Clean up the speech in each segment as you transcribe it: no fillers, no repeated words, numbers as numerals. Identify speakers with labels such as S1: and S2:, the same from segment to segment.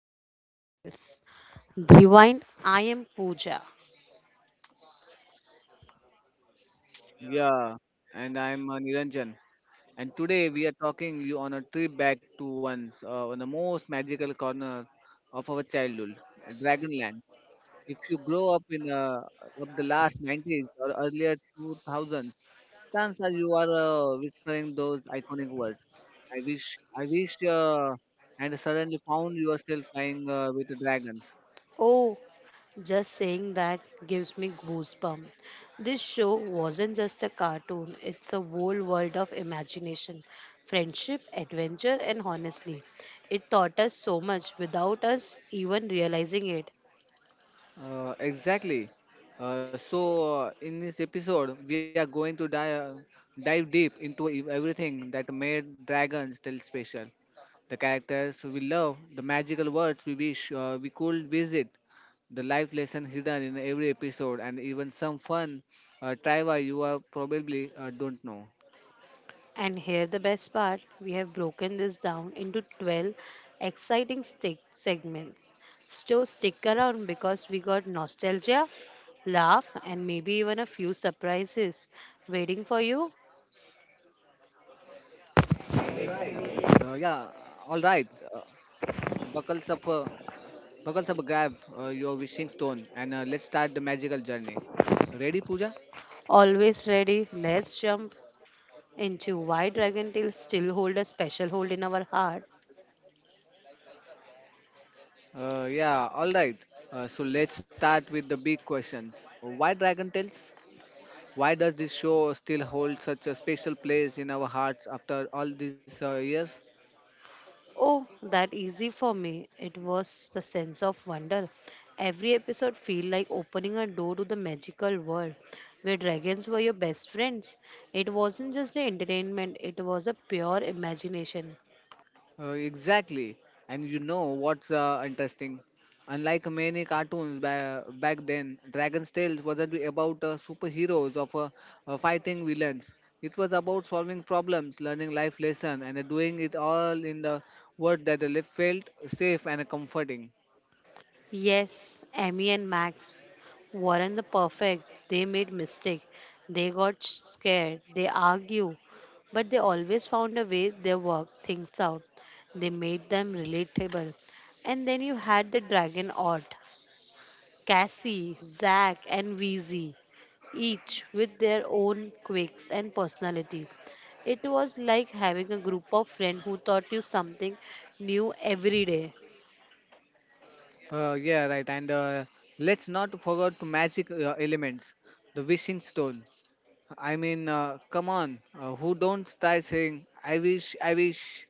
S1: to Dragon Tales. Rewind, I am Pooja.
S2: Yeah, and I'm Niranjan, and today we are talking you on a trip back to once one of the most magical corner of our childhood, Dragonland. If you grow up in of the last 90s or earlier 2000s, chances are you are whispering those iconic words. I wish, and suddenly found yourself flying with the dragons.
S1: Oh, just saying that gives me goosebumps. This show wasn't just a cartoon, it's a whole world of imagination, friendship, adventure, and honestly, it taught us so much without us even realizing it.
S2: Exactly. So in this episode, we are going to dive deep into everything that made Dragons Tale special, the characters we love, the magical worlds we wish we could visit, the life lesson hidden in every episode, and even some fun trivia you are probably don't know.
S1: And here the best part, we have broken this down into 12 exciting stick segments. So stick around because we got nostalgia, laugh and maybe even a few surprises waiting for you.
S2: Yeah, all right. Uh, buckles up. Uh, Buckle up, grab your wishing stone, and let's start the magical journey. Ready, Pooja?
S1: Always ready, let's jump into why dragon tails still hold a special hold in our heart.
S2: Yeah, alright. So let's start with the big questions. Why Dragon Tales? Why does this show still hold such a special place in our hearts after all these years?
S1: Oh, that easy for me. It was the sense of wonder. Every episode feel like opening a door to the magical world where dragons were your best friends. It wasn't just the entertainment, it was a pure imagination.
S2: Exactly. And you know what's interesting? Unlike many cartoons back then, Dragon's Tales wasn't about superheroes or fighting villains. It was about solving problems, learning life lessons, and doing it all in the world that felt safe and comforting.
S1: Yes, Emmy and Max weren't the perfect. They made mistake. They got scared. They argue. But they always found a way they worked things out. They made them relatable. And then you had the dragon art. Cassie, Zack, and VZ, each with their own quirks and personalities. It was like having a group of friends who taught you something new every day.
S2: Yeah, right. And let's not forget magic elements. The wishing stone, I mean, come on, who don't start saying, I wish,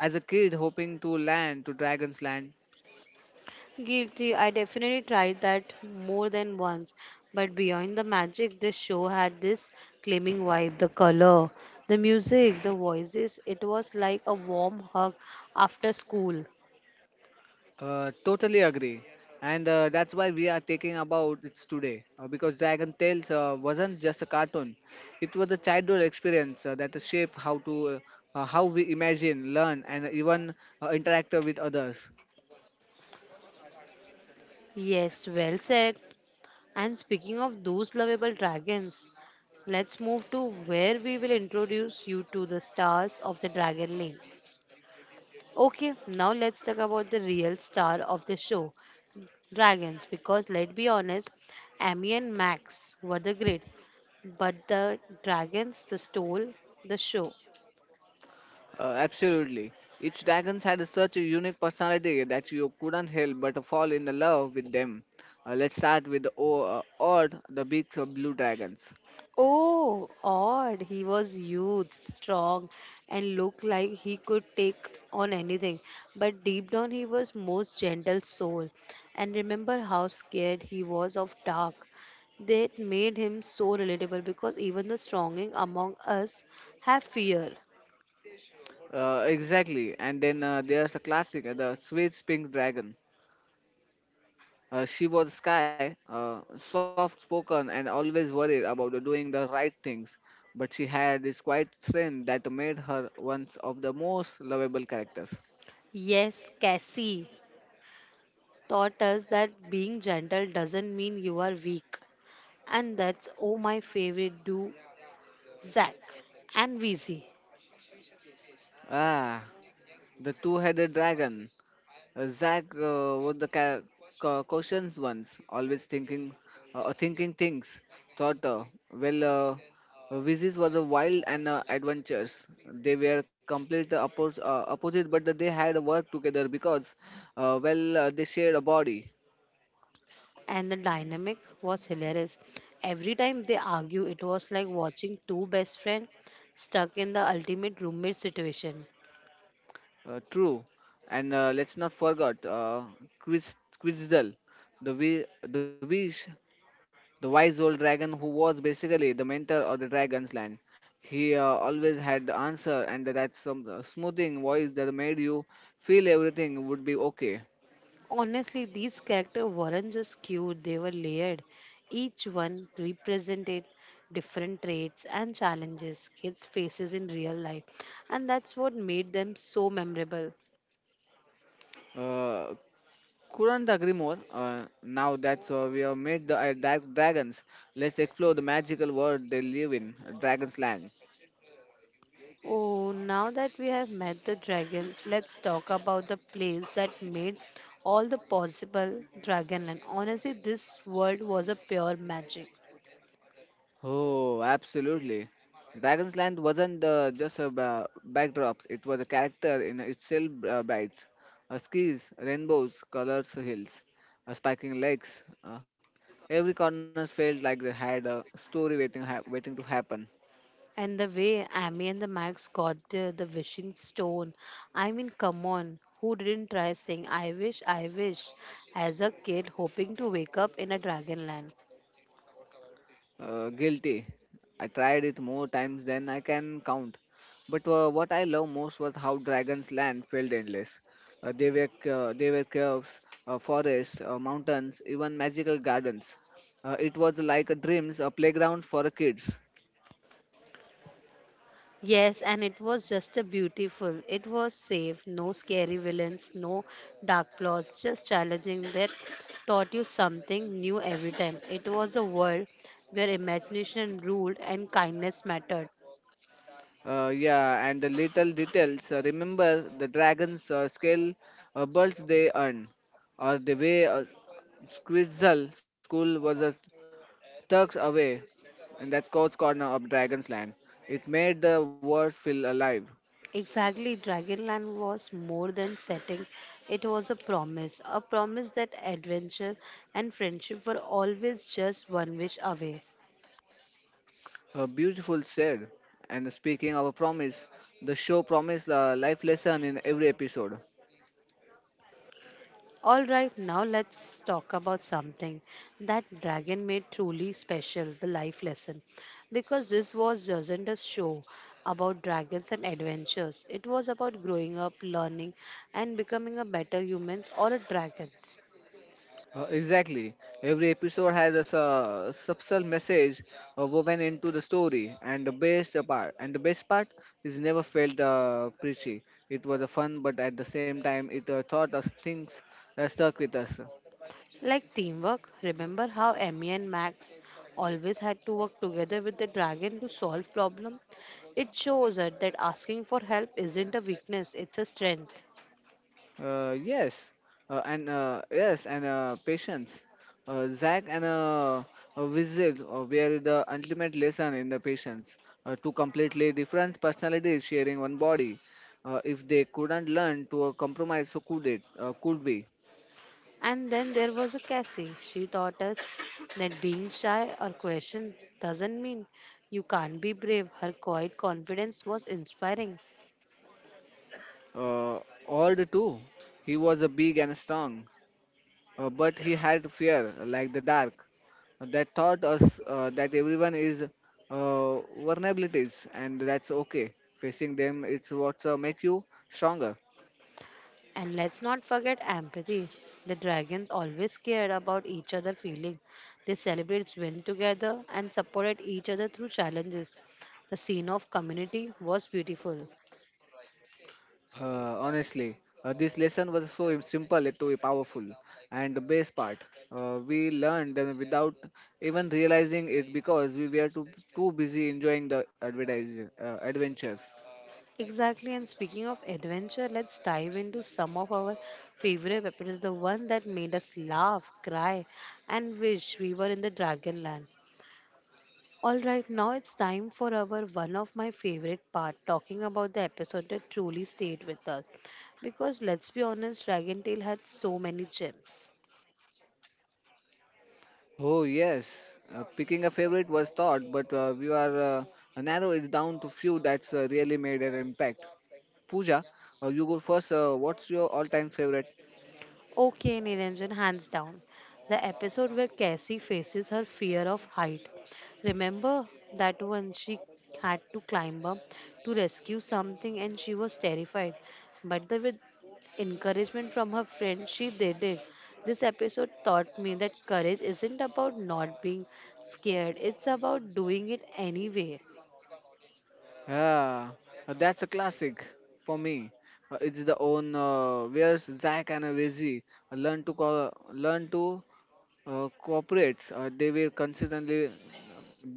S2: as a kid hoping to land to Dragon's Land?
S1: Guilty, I definitely tried that more than once. But beyond the magic, this show had this claiming vibe the color, the music, the voices. It was like a warm hug after school.
S2: Totally agree. And that's why we are taking about it today. Because Dragon Tales wasn't just a cartoon, it was a childhood experience that shaped how to. How we imagine, learn, and even interact with others.
S1: Yes, well said. And speaking of those lovable dragons, let's move to where we will introduce you to the stars of the Dragon Lanes. Okay, now let's talk about the real star of the show, dragons. Because let's be honest, Amy and Max were the great, but the dragons the stole the show.
S2: Absolutely. Each dragon had such a unique personality that you couldn't help but fall in love with them. Let's start with the odd, the big blue dragons.
S1: Oh, odd. He was huge, strong, and looked like he could take on anything. But deep down, he was most gentle soul. And remember how scared he was of dark. That made him so relatable because even the strongest among us have fear.
S2: Exactly, and then there's a classic, the sweet pink dragon. She was sky, soft spoken, and always worried about doing the right things. But she had this quiet strength that made her one of the most lovable characters.
S1: Yes, Cassie taught us that being gentle doesn't mean you are weak. And that's oh my favorite do Zach and VZ.
S2: Ah, the two headed dragon. Zach was the cautions once, always thinking things. Thought, uh, well, uh, Vizis was a wild and adventures. They were complete opposite, but they had worked together because, they shared a body.
S1: And the dynamic was hilarious. Every time they argue, it was like watching two best friends stuck in the ultimate roommate situation.
S2: True, and let's not forget Quiz Quizdel, the we the wish the wise old dragon who was basically the mentor of the dragon's land. He always had the answer, and that some smoothing voice that made you feel everything would be okay.
S1: Honestly, these characters weren't just cute, they were layered. Each one represented different traits and challenges kids faces in real life, and that's what made them so memorable.
S2: Uh, couldn't agree more. Now that we have made the dragons, let's explore the magical world they live in, Dragon's Land.
S1: Oh, now that we have met the dragons, let's talk about the place that made all the possible Dragonland. Honestly, this world was a pure magic.
S2: Oh, absolutely. Dragon's Land wasn't just a backdrop, it was a character in itself bites. Skis, rainbows, colors, hills, spiking legs. Every corner felt like they had a story waiting to happen.
S1: And the way Amy and the Max got the wishing stone. I mean, come on, who didn't try saying, "I wish, I wish," as a kid hoping to wake up in a Dragonland?
S2: Guilty. I tried it more times than I can count. But what I love most was how Dragon's Land felt endless. There were caves, forests, mountains, even magical gardens. It was like a dreams, a playground for the kids.
S1: Yes, and it was just a beautiful. It was safe, no scary villains, no dark plots, just challenging that taught you something new every time. It was a world where imagination ruled and kindness mattered.
S2: Yeah, and the little details. Remember the dragons scale birds they earn, or the way Squirtle School was a Tucks away in that cold corner of Dragon's Land. It made the world feel alive.
S1: Exactly, Dragonland was more than setting. It was a promise that adventure and friendship were always just one wish away.
S2: A beautiful said. And speaking of a promise, the show promised a life lesson in every episode.
S1: All right, now let's talk about something that Dragon made truly special the life lesson. Because this was wasn't a show about dragons and adventures, it was about growing up, learning, and becoming a better human or a dragons.
S2: Exactly. Every episode has a subtle message woven into the story, and the best part is never felt preachy. It was a fun, but at the same time, it taught us things that stuck with us.
S1: Like teamwork, remember how Emmy and Max always had to work together with the dragon to solve problem? It shows us that asking for help isn't a weakness, it's a strength.
S2: Uh, yes, yes, and patience. Zach and Vizil were the ultimate lesson in the patience. Two completely different personalities sharing one body. If they couldn't learn to compromise, so could it? Could we?
S1: And then there was a Cassie. She taught us that being shy or questioned doesn't mean you can't be brave. Her quiet confidence was inspiring.
S2: Uh, all the two. He was a big and strong, but he had fear like the dark, that taught us that everyone is vulnerabilities and that's okay. Facing them, it's what make you stronger.
S1: And let's not forget empathy. The dragons always cared about each other feeling. They celebrated win together and supported each other through challenges. The scene of community was beautiful.
S2: Honestly, this lesson was so simple yet too powerful, and the best part, we learned them without even realizing it because we were too busy enjoying the adventures.
S1: Exactly, and speaking of adventure, let's dive into some of our favorite episodes, the one that made us laugh, cry, and wish we were in the Dragonland. All right, now it's time for our one of my favorite part, talking about the episode that truly stayed with us. Because let's be honest, Dragon Tail had so many gems.
S2: Oh, yes. Picking a favorite was thought, but we are narrow it down to few that's really made an impact. Pooja, you go first. What's your all time favorite?
S1: Okay, Niranjan, hands down. The episode where Cassie faces her fear of height. Remember that one she had to climb up to rescue something and she was terrified. But with encouragement from her friend, she did it. This episode taught me that courage isn't about not being scared, it's about doing it anyway.
S2: Ah, that's a classic for me. It's the own where's Zach and Veggie learn to cooperate. They were consistently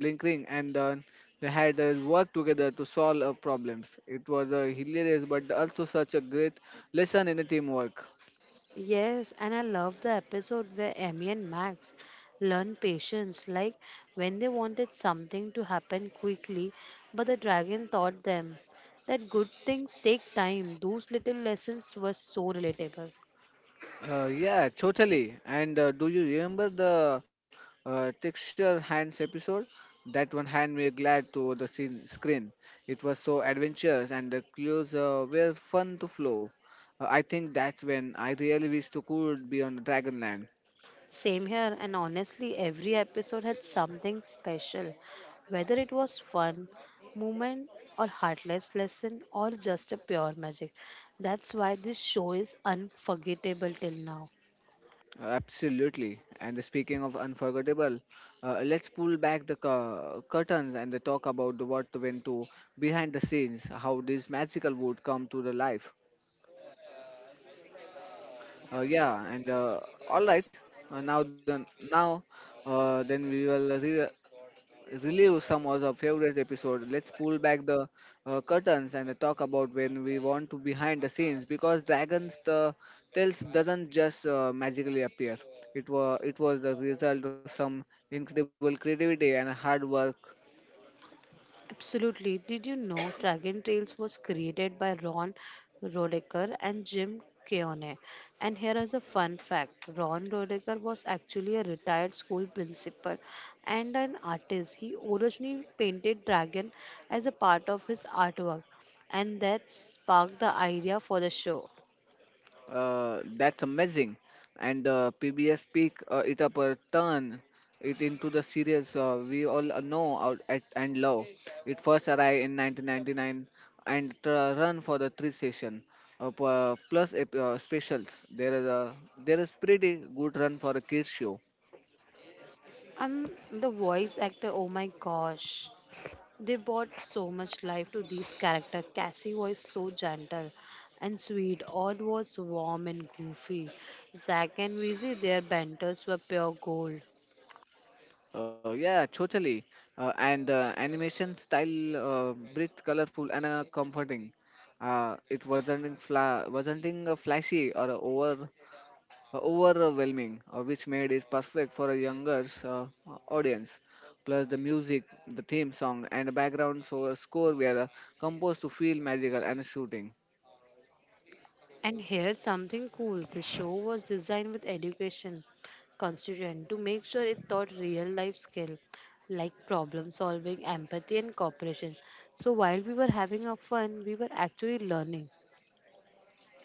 S2: Blinkring and Don, they had worked together to solve problems. It was hilarious, but also such a great lesson in the teamwork.
S1: Yes, and I love the episode where Emmy and Max learn patience, like when they wanted something to happen quickly, but the dragon taught them that good things take time. Those little lessons were so relatable.
S2: Yeah, totally. And do you remember the texture hands episode? That one hand me glad to the screen. It was so adventurous, and the clues were fun to flow. I think that's when I really wish to could be on Dragonland.
S1: Same here, and honestly, every episode had something special, whether it was fun, moment, or heartless lesson, or just a pure magic. That's why this show is unforgettable till now.
S2: Absolutely. And speaking of unforgettable, let's pull back the curtains and the talk about the what went to behind the scenes, how this magical would come to the life. Yeah, and all right. Uh, now then, now then we will relive some of our favorite episode. Let's pull back the curtains and talk about when we want to behind the scenes because dragons the tales doesn't just magically appear. It was the result of some incredible creativity and hard work.
S1: Absolutely. Did you know Dragon Tales was created by Ron Rodecker and Jim Keone? And here is a fun fact Ron Rodecker was actually a retired school principal and an artist. He originally painted Dragon as a part of his artwork, and that sparked the idea for the show.
S2: That's amazing. And PBS pick it up a turn it into the series we all know out at, and love. It first arrived in 1999 and run for the three session plus specials. There is pretty good run for a kids show.
S1: And the voice actor, oh my gosh. They brought so much life to these characters. Cassie was so gentle and sweet. Odd was warm and goofy. Zack and Weezy, their banters were pure gold.
S2: Yeah, totally. And animation style, bright, colorful, and comforting. It wasn't in fla- Wasn't in, flashy or over overwhelming, which made it perfect for a younger audience. Plus, the music, the theme song, and the background score were composed to feel magical and shooting.
S1: And here's something cool. The show was designed with education constituent to make sure it taught real life skill like problem solving, empathy and cooperation. So while we were having a fun, we were actually learning.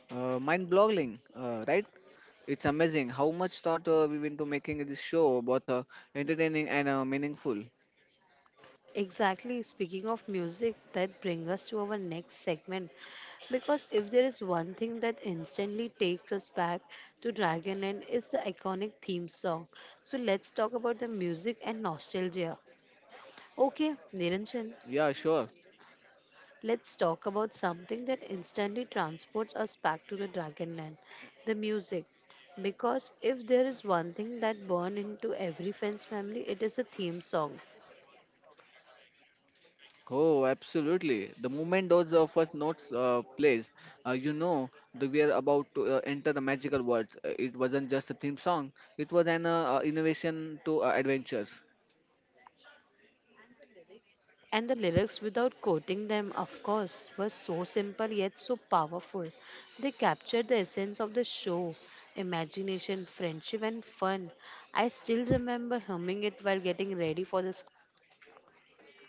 S2: Mind boggling, right? It's amazing how much thought we went into making this show both entertaining and meaningful.
S1: Exactly. Speaking of music, that brings us to our next segment. Because if there is one thing that instantly takes us back to Dragon End is the iconic theme song. So let's talk about the music and nostalgia. Okay,
S2: Yeah, sure.
S1: Niranjan, let's talk about something that instantly transports us back to the Dragon Land, the music. Because if there is one thing that burned into every fan's family, it is a theme song.
S2: Oh, absolutely. The moment those first notes plays, you know that we are about to enter the magical world. It wasn't just a theme song; it was an innovation to adventures.
S1: And the lyrics, without quoting them, of course, were so simple yet so powerful. They captured the essence of the show imagination, friendship, and fun. I still remember humming it while getting ready for the school.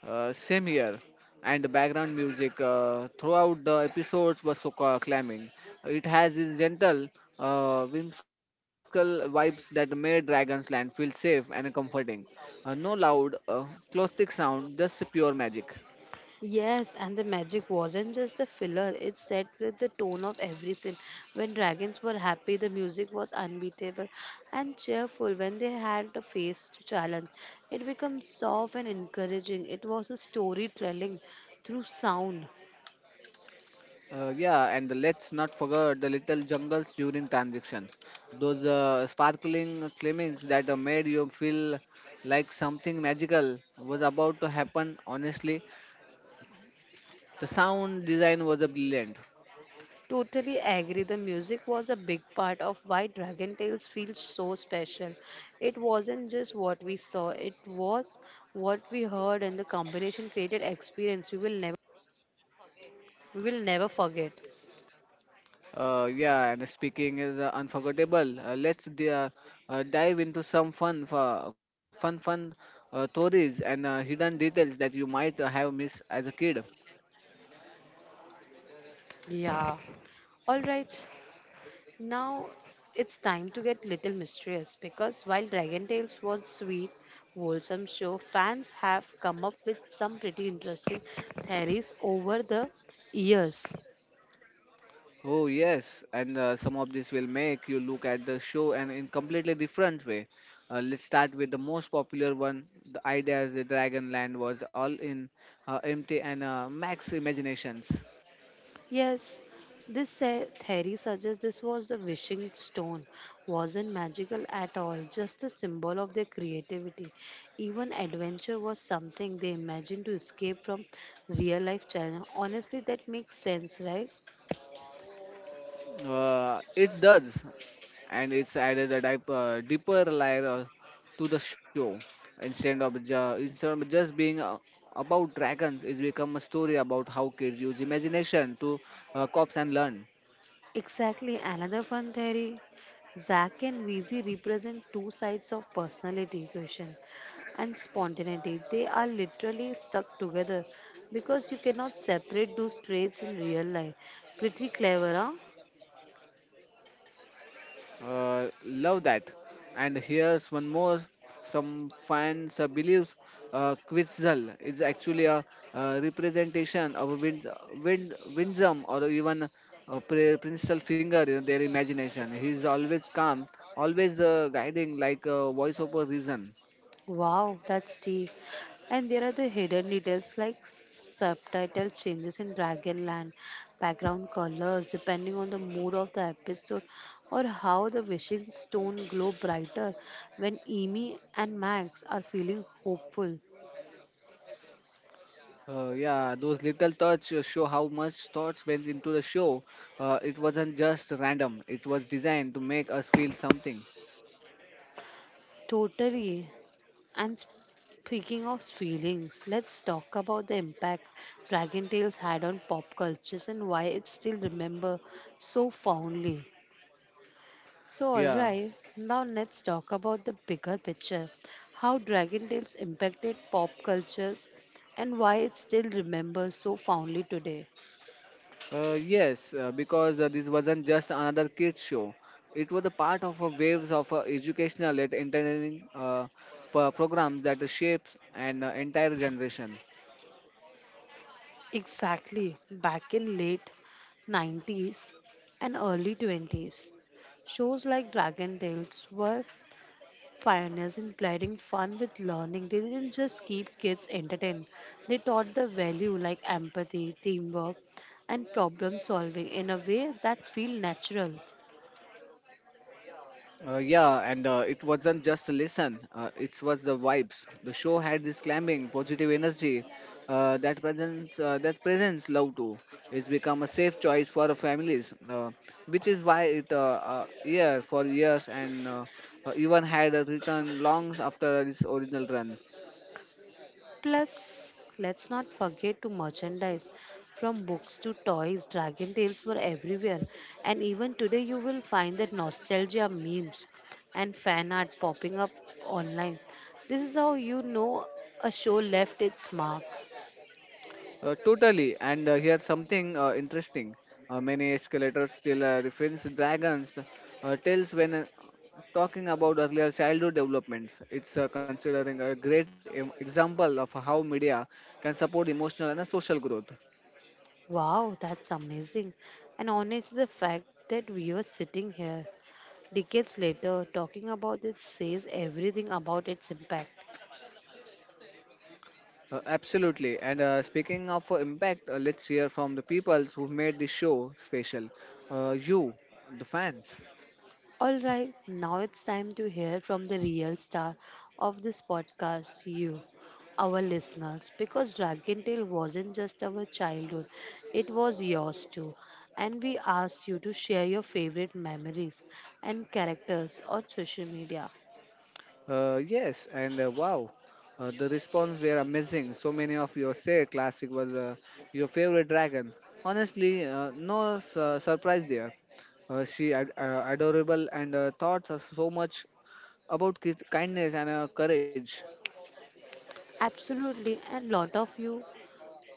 S2: Same here, and the background music throughout the episodes was so calming. It has this gentle, whimsical vibes that made Dragon's Land feel safe and comforting. No loud, caustic sound, just pure magic.
S1: Yes, and the magic wasn't just the filler, it set with the tone of every scene. When dragons were happy, the music was unbeatable and cheerful. When they had a face to challenge, it became soft and encouraging. It was a storytelling through sound.
S2: Yeah, and let's not forget the little jungles during transitions. Those sparkling climbings that made you feel like something magical was about to happen. Honestly, the sound design was brilliant.
S1: Totally agree. The music was a big part of why Dragon Tales feels so special. It wasn't just what we saw, it was what we heard and the combination created experience we will never forget.
S2: Yeah, and speaking is unforgettable. Let's dive into some fun stories and hidden details that you might have missed as a kid.
S1: Yeah. All right, now it's time to get little mysterious because while Dragon Tales was sweet, wholesome show, fans have come up with some pretty interesting theories over the years.
S2: Oh yes, and some of this will make you look at the show and in completely different way. Let's start with the most popular one. The idea is the Dragon Land was all in empty and max imaginations.
S1: Yes, this theory suggests this was the wishing stone, wasn't magical at all, just a symbol of their creativity. Even adventure was something they imagined to escape from real life challenge. Honestly, that makes sense, right?
S2: It does, and it's added a deeper layer to the show. Instead of just being about dragons, it's become a story about how kids use imagination to cope and learn.
S1: Exactly another fun theory. Zach and Wheezy represent two sides of personality equation and spontaneity. They are literally stuck together because you cannot separate those traits in real life. Pretty clever, huh?
S2: Love that. And here's one more. Some fans believes Quetzal is actually a, representation of a wind, Windsom or even a principal finger in their imagination. He's always calm, always guiding like a voice over reason.
S1: Wow, that's deep. And there are the hidden details like subtitle changes in Dragonland, background colors depending on the mood of the episode, or how the wishing stone glow brighter when Amy and Max are feeling hopeful.
S2: Yeah, those little touch show how much thoughts went into the show. It wasn't just random. It was designed to make us feel something.
S1: Totally. And speaking of feelings, let's talk about the impact Dragon Tales had on pop cultures and why it's still remembered so fondly. So,
S2: Yeah.
S1: alright, now let's talk about the bigger picture how Dragon Tales impacted pop cultures and why it's still remembered so fondly today.
S2: Yes, because this wasn't just another kids show. It was a part of a waves of educational and entertaining programs that shapes an entire generation.
S1: Exactly, back in late 90s and early 20s, shows like Dragon Tales were pioneers in blending fun with learning. They didn't just keep kids entertained, they taught the value like empathy, teamwork, and problem solving in a way that feel natural.
S2: Yeah, and It wasn't just a listen, it was the vibes. The show had this climbing, positive energy that presents love too. It's become a safe choice for families, which is why it year for years and even had a return long after its original run.
S1: Plus, let's not forget to merchandise. From books to toys, dragon tails were everywhere. And even today, you will find that nostalgia memes and fan art popping up online. This is how you know a show left its mark.
S2: Totally. And here's something interesting. Many escalators still reference dragons tales when talking about earlier childhood developments. It's considering a great example of how media can support emotional and social growth.
S1: Wow, that's amazing. And honestly, the fact that we are sitting here decades later talking about it says everything about its impact.
S2: Absolutely. And speaking of impact, let's hear from the people who made the show special. You, the fans.
S1: All right, now it's time to hear from the real star of this podcast, you, our listeners, because Dragon Tale wasn't just our childhood, it was yours too. And we asked you to share your favorite memories and characters on social media.
S2: Uh, yes, and uh, wow, the response were amazing. So many of you said classic was your favorite dragon. Honestly, no su- surprise there. Adorable and thoughts are so much about kindness and courage.
S1: Absolutely, and lot of you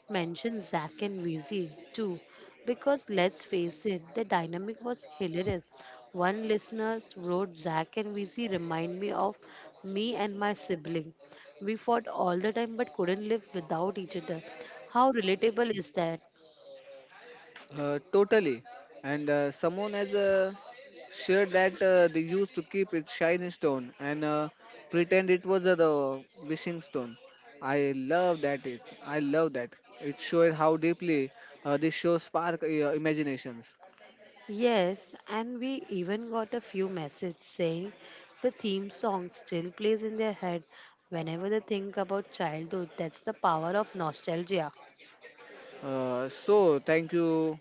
S1: mention Zack and Wheezy too, because let's face it, the dynamic was hilarious. One listener wrote, Zack and Wheezy remind me of me and my sibling. We fought all the time but couldn't live without each other. How relatable is that?
S2: Totally, and someone has sure that they used to keep its shiny stone and pretend it was the wishing stone. I love that. It showed how deeply this show spark imaginations.
S1: Yes, and we even got a few messages saying the theme song still plays in their head whenever they think about childhood. That's the power of nostalgia.
S2: So, thank you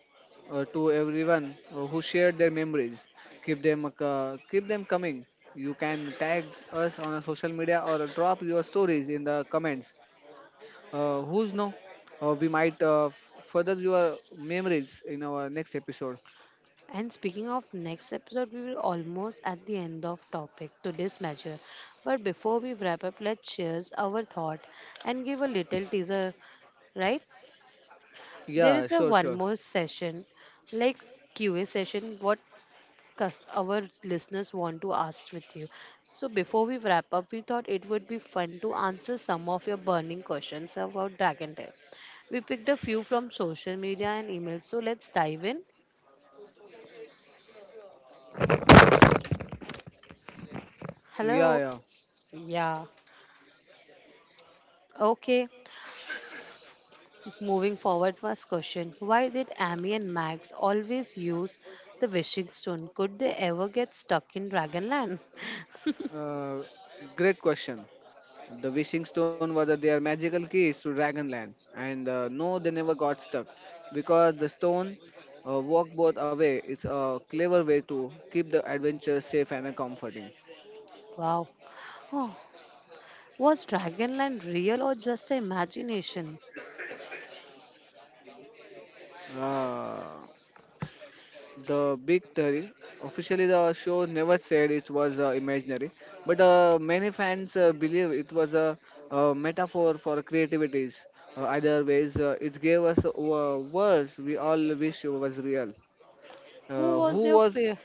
S2: to everyone who shared their memories. Keep them coming. You can tag us on our social media or drop your stories in the comments. Who's know? We might further your memories in our next episode.
S1: And speaking of next episode, we will almost at the end of topic today's measure. But before we wrap up, let's share our thought and give a little teaser, right? There
S2: Yeah,
S1: is a
S2: sure,
S1: one
S2: sure.
S1: more session, like Q&A session, what our listeners want to ask with you. So before we wrap up, we thought it would be fun to answer some of your burning questions about Dragon Tail. We picked a few from social media and email, so let's dive in.
S2: Yeah,
S1: Hello.
S2: yeah.
S1: Yeah. Okay. Moving forward, first question Why did Amy and Max always use the wishing stone? Could they ever get stuck in Dragonland?
S2: Uh, Great question. The wishing stone was their magical keys to Dragonland, and no, they never got stuck because the stone walk both away. It's a clever way to keep the adventure safe and comforting.
S1: Wow. Oh, was Dragonland real or just imagination?
S2: Uh, the big theory. Officially, the show never said it was imaginary, but many fans believe it was a, metaphor for creativities. Either ways, it gave us worlds we all wish was real.
S1: Who was
S2: Who
S1: your
S2: was?
S1: fa-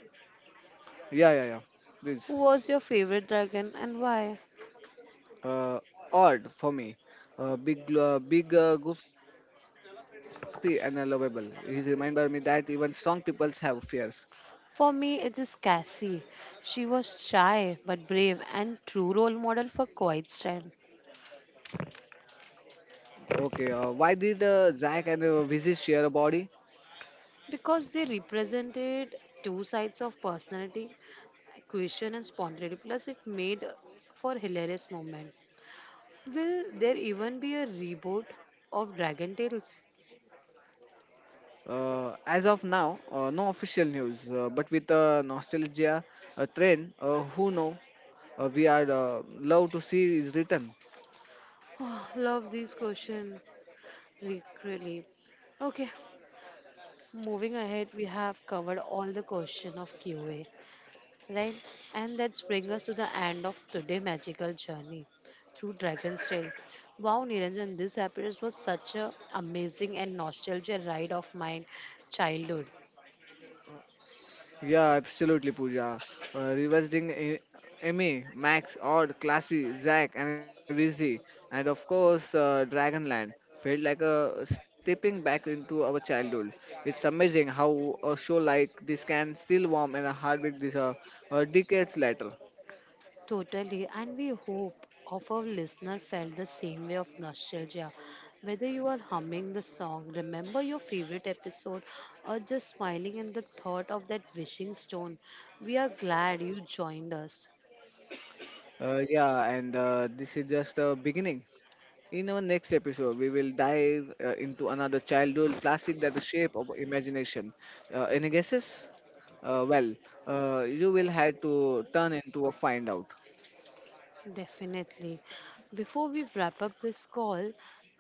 S2: Yeah, yeah, yeah.
S1: who
S2: Please.
S1: was your favorite dragon and why?
S2: Uh, Odd for me. Uh, big, Big, goofy, and lovable. He's reminded me that even strong peoples have fears.
S1: For me, it is Cassie. She was shy but brave and true role model for quiet style.
S2: Okay, why did Zack and Vizzy share a body?
S1: Because they represented two sides of personality, question and spontaneity. Plus, it made for hilarious moment. Will there even be a reboot of Dragon Tales?
S2: As of now, no official news, but with a nostalgia a trend, who know, we are love to see is written.
S1: Oh, love this question, really. Okay, moving ahead, we have covered all the question of Q&A. Right? And that brings us to the end of today's magical journey through Dragon's Trail. Wow, Niranjan, this episode was such a amazing and nostalgia ride of my childhood.
S2: Yeah, absolutely, Pooja. Revisiting Emmy, Max, Odd, Classy, Zack, and Busy, and of course, Dragonland felt like a stepping back into our childhood. It's amazing how a show like this can still warm in a heartbeat this decades later.
S1: Totally, and we hope of our listener felt the same way of nostalgia. Whether you are humming the song, remember your favorite episode, or just smiling in the thought of that wishing stone, we are glad you joined us.
S2: Yeah, and This is just a beginning. In our next episode, we will dive into another childhood classic that the shape of imagination. Any guesses? Uh, well, you will have to turn into a find out.
S1: Definitely. Before we wrap up this call,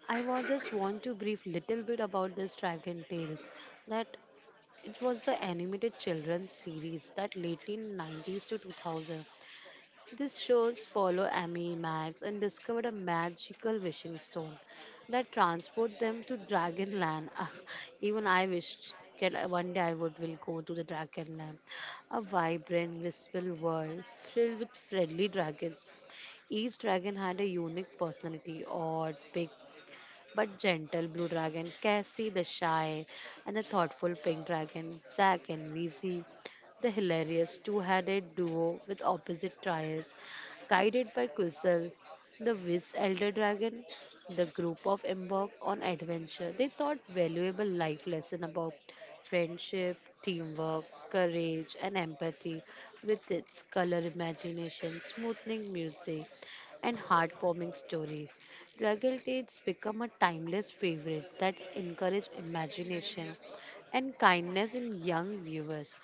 S1: I just want to brief little bit about this Dragon Tales. That it was the animated children's series that lately in 90s to 2000 these shows follow Amy, Max, and discover a magical wishing stone that transport them to Dragonland. Ah, even I wished that one day I would will go to the Dragonland, a vibrant, wistful world filled with friendly dragons. Each dragon had a unique personality, odd, big, but gentle blue dragon, Cassie the shy, and the thoughtful pink dragon, Zack and Weezy, the hilarious two-headed duo with opposite trials, guided by Kusel, the Wiz Elder Dragon, the group of embarked on adventure. They taught valuable life lesson about friendship, teamwork, courage, and empathy, with its color imagination, smoothing music, and heartwarming story. Struggle Dates become a timeless favorite that encourage imagination and kindness in young viewers.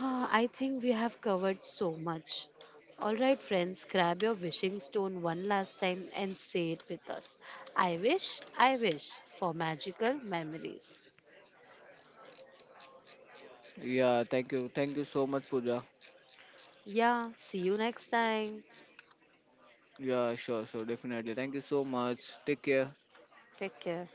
S1: Ah, I think we have covered so much. Alright, friends, grab your wishing stone one last time and say it with us. "I wish, I wish for magical memories."
S2: Yeah, thank you. Thank you so much, Pooja.
S1: Yeah, see you next time.
S2: Yeah, definitely. Thank you so much. Take care.
S1: Take care.